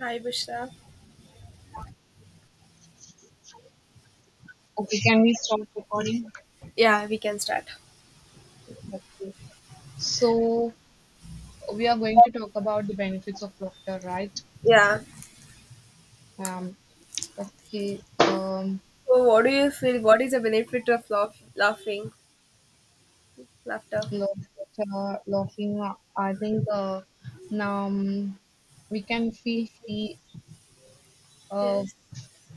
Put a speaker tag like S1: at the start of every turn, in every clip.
S1: Hi, Bushra.
S2: Okay, can we stop recording?
S1: Yeah, we can start.
S2: Okay. So we are going to talk about the benefits of laughter, right?
S1: Yeah.
S2: Um, okay. Um,
S1: So, what do you feel? What is the benefit of laughing, laughter?
S2: laughter, laughing. I think now we can feel free. Uh,
S1: Yes.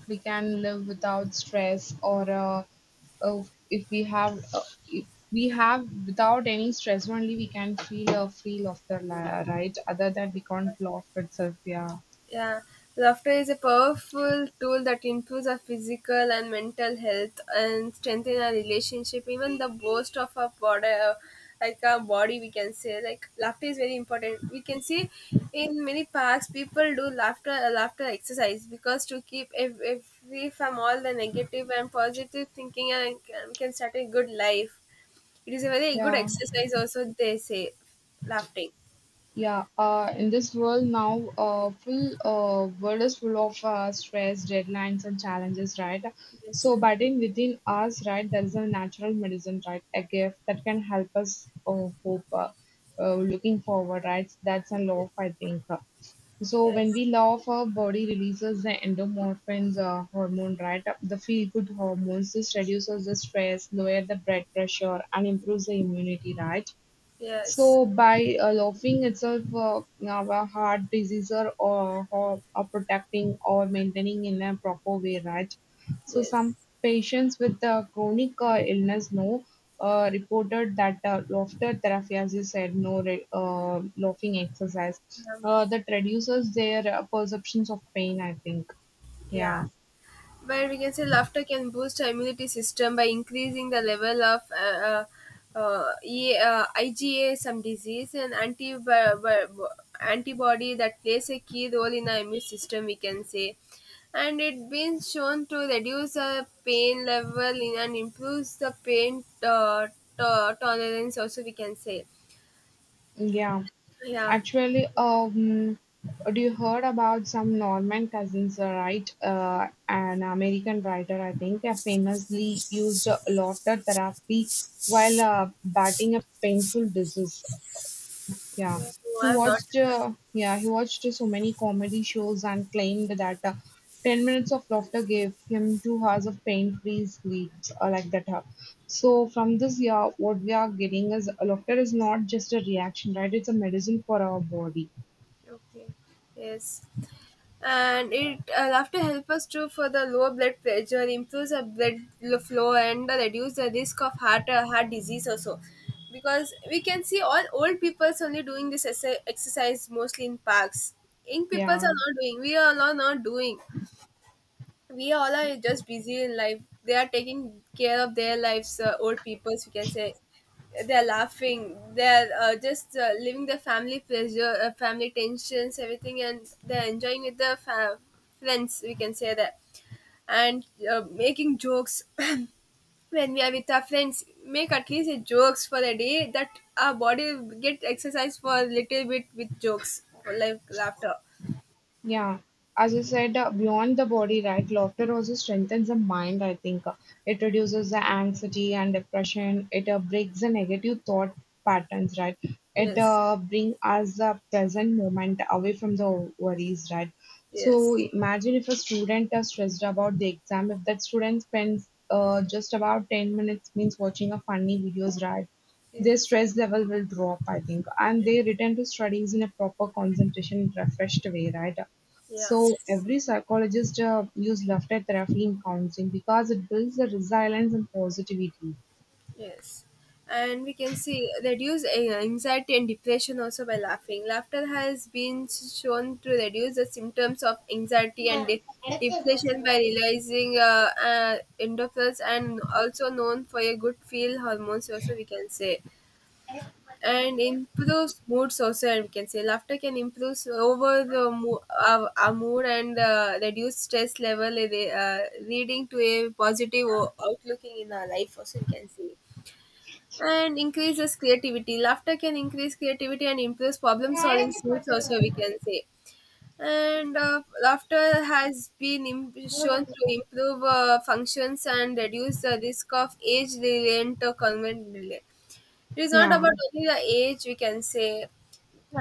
S2: we can live without stress, or uh, if we have, uh, if we have without any stress only, we can feel a free laughter, right? Other than we can't laugh itself. Yeah.
S1: Yeah, laughter is a powerful tool that improves our physical and mental health and strengthen our relationship. Even the boast of our body, like our body, we can say like laughter is very important. We can see in many parks people do laughter laughter exercise because to keep free from all the negative and positive thinking and can start a good life. It is a very good
S2: Yeah.
S1: exercise. Also, they say, laughing.
S2: Yeah, in this world now, full world is full of stress, deadlines, and challenges, right?
S1: Yes.
S2: So, but in within us, right, there is a natural medicine, right, a gift that can help us hope, looking forward, right? That's a love, I think. So, when
S1: Yes.
S2: we laugh, our body releases the endorphins hormone, right? The feel-good hormones. This reduces the stress, lower the blood pressure, and improves the immunity, right?
S1: Yes.
S2: So by loafing itself, our heart disease are, or are protecting or maintaining in a proper way, right? So
S1: Yes.
S2: some patients with chronic illness no reported that laughter therapy, as you said, no re- laughing exercise
S1: Um,
S2: that reduces their perceptions of pain. I think,
S1: yeah.
S2: yeah,
S1: But we can say laughter can boost our immunity system by increasing the level of IgA, some disease, and uh, uh, antibody that plays a key role in our immune system, we can say. And it been shown to reduce the pain level in and improves the pain tolerance, also, we can say.
S2: yeah.
S1: Yeah.
S2: Actually, do you heard about some Norman Cousins, right? An American writer, I think, famously used a laughter therapy while battling a painful disease. Yeah,
S1: So, I've not.
S2: yeah, he watched so many comedy shows and claimed that 10 minutes of laughter gave him 2 hours of pain-free sleep, or like that. So from this yeah, what we are getting is laughter is not just a reaction, right? It's a medicine for our body.
S1: Okay. Yes. And it laughter help us to for the lower blood pressure, improves the flow, and reduce the risk of heart disease also. Because we can see all old people only doing this exercise mostly in parks. Young people are
S2: Yeah,
S1: not doing. We are all not doing, we all are just busy in life, they are taking care of their lives, old peoples we can say they're laughing, they're just living the family pleasure, family tensions, everything, and they're enjoying with the friends, we can say that, and making jokes when we are with our friends, make at least a jokes for a day, that our body get exercise for a little bit with jokes for like laughter.
S2: yeah. As I said, beyond the body, right? Laughter also strengthens the mind, I think. It reduces the anxiety and depression. It breaks the negative thought patterns, right? It
S1: Yes.
S2: uh, brings us the present moment away from the worries, right? So
S1: Yes.
S2: imagine if a student is stressed about the exam, if that student spends just about 10 minutes means watching a funny videos, right? Their
S1: Yes.
S2: stress level will drop, I think, and they return to studies in a proper concentration and refreshed way, right? So
S1: Yes. Yeah.
S2: every psychologist use laughter therapy in counseling because it builds the resilience and positivity.
S1: Yes. And we can see reduce anxiety and depression also by laughing. Laughter has been shown to reduce the symptoms of anxiety and depression by releasing endorphins and also known for a good feel hormones, also we can say, and improves moods also, and we can say laughter can improve s- over the mo- our mood and reduce stress level, leading to a positive outlooking in our life also, we can see, and increases creativity. Laughter can increase creativity and improves problem solving skills, also, we can say. And laughter has been shown to improve functions and reduce the risk of age related or convent delay. It is not
S2: Yeah.
S1: about only the age, we can say.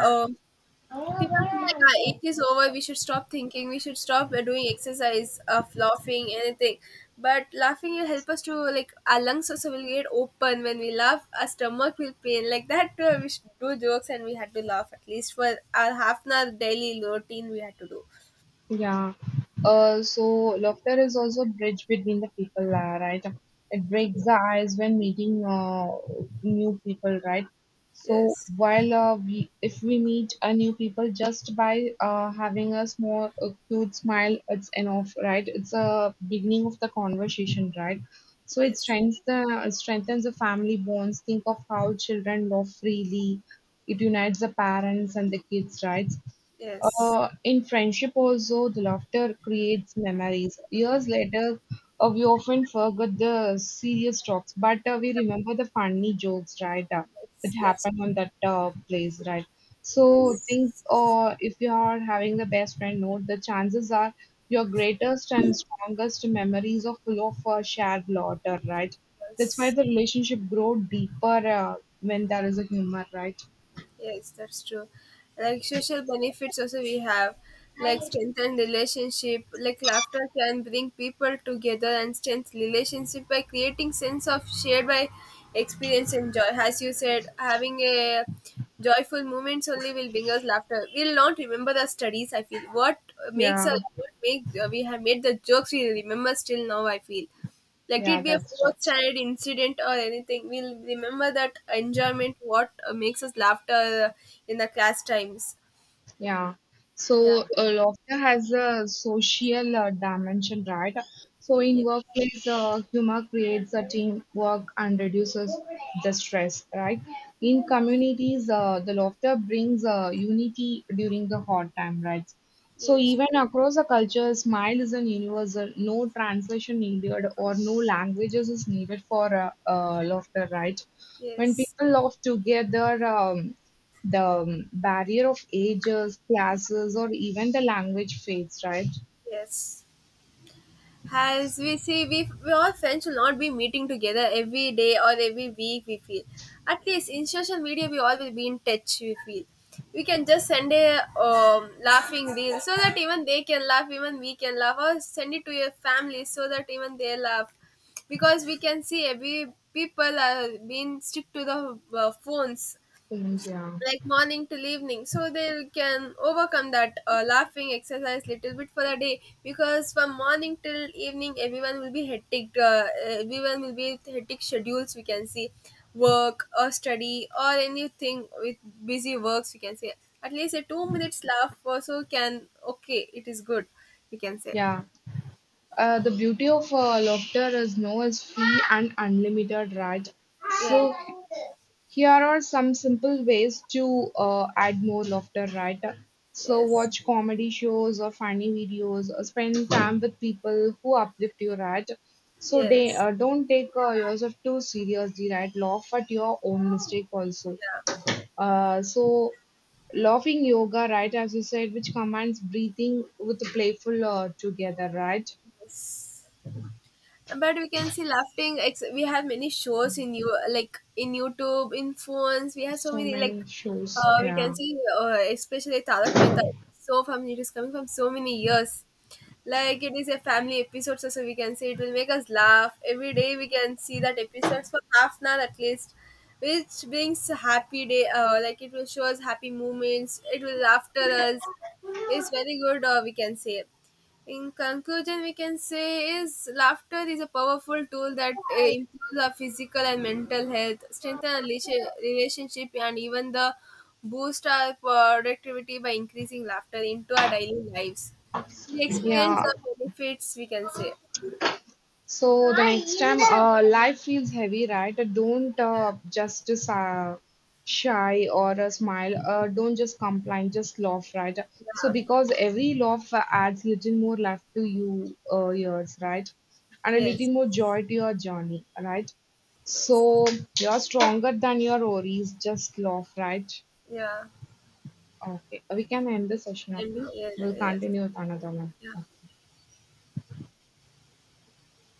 S1: Um, people feel like our age is over, we should stop thinking, we should stop doing exercise of laughing anything, but laughing will help us to, like, our lungs also will get open, when we laugh our stomach will pain like that, we should do jokes and we had to laugh at least for our half an hour daily routine we had to do.
S2: Yeah. So laughter is also a bridge between the people, right? It breaks the ice when meeting new people, right? So
S1: Yes.
S2: while if we meet a new people just by having a small a cute smile, it's enough, right? It's a beginning of the conversation, right? So it
S1: Yes.
S2: strengthens the family bonds. Think of how children love freely. It unites the parents and the kids, right?
S1: Yes.
S2: In friendship also, the laughter creates memories. Years later, we often forget the serious talks, but we remember the funny jokes, right?
S1: that's,
S2: That
S1: that's
S2: happened
S1: true.
S2: on that place, right? So think,
S1: Yes.
S2: if you are having the best friend, note the chances are your greatest and strongest memories are full of shared laughter, right? That's why
S1: Yes.
S2: the relationship grow deeper uh, when there is a humor, right?
S1: Yes, that's true. Like social benefits also we have, like strengthen relationship. Like laughter can bring people together and strengthen relationship by creating sense of shared by experience and joy. As you said, having a joyful moments only will bring us laughter. We'll not remember the studies. I feel what makes us,
S2: Yeah,
S1: what makes, we have made the jokes we remember still now, I feel. Let it
S2: yeah,
S1: be a
S2: that's
S1: fourth
S2: right.
S1: standard incident or anything, we'll remember that enjoyment what makes us laughter in the class times.
S2: Yeah.
S1: Yeah,
S2: So laughter has a social dimension, right? So in
S1: yeah.
S2: workplace, humor creates a teamwork and reduces the stress, right? In communities, the laughter brings unity during the hard time, right? So
S1: Yes.
S2: even across the culture, smile is a universal. No translation needed or no languages is needed for laughter, right? When
S1: Yes.
S2: people laugh together, the barrier of ages, classes, or even the language fades, right?
S1: Yes. As we see, we all friends will not be meeting together every day or every week, we feel. At least in social media, we all will be in touch, we feel. We can just send a laughing reel so that even they can laugh, even we can laugh, or send it to your family so that even they laugh. Because we can see every people are being stick to the phones
S2: Things, yeah.
S1: like morning till evening, so they can overcome that laughing exercise little bit for a day, because from morning till evening everyone will be hectic, everyone will be with hectic schedules, we can see, work or study or anything with busy works, we can say, at least a 2 minutes laugh also can, okay, it is good, we can say.
S2: Yeah. The beauty of laughter is no is free and unlimited, right? So
S1: Yes,
S2: here are some simple ways to add more laughter, right? So
S1: yes.
S2: watch comedy shows or funny videos, or spend time with people who uplift you, right? So they
S1: Yes.
S2: don't take yourself too seriously, right? Laugh at your own mistake also.
S1: Yeah.
S2: So laughing yoga, right, as you said, which combines breathing with playful together, right?
S1: Yes. But we can see we have many shows in you, like in youtube in phones, we have so
S2: So
S1: many, like
S2: many shows.
S1: we can
S2: Yeah.
S1: see especially tarak mehta is so family, it is coming from so many years, like it is a family episode, so we can say it will make us laugh every day, we can see that episodes for half an hour at least, which brings a happy day, like it will show us happy moments, it will laughter us, it's very good, we can say. In conclusion, we can say is laughter is a powerful tool that improves our physical and mental health, strengthen our relationship, and even the boost our productivity by increasing laughter into our daily lives. We experience
S2: Yeah.
S1: the benefits. We can say,
S2: So the next time, life feels heavy, right? Don't just shy or smile. Don't just complain, just laugh, right? So
S1: yeah,
S2: because every laugh adds little more life to yours, right? And a
S1: yes,
S2: little more joy to your journey, right?
S1: yes,
S2: So you're stronger than your worries. Just laugh, right?
S1: yeah,
S2: Okay, we can end the session. Okay,
S1: and yeah,
S2: we'll
S1: yes,
S2: continue with another one.
S1: yeah.
S2: Okay.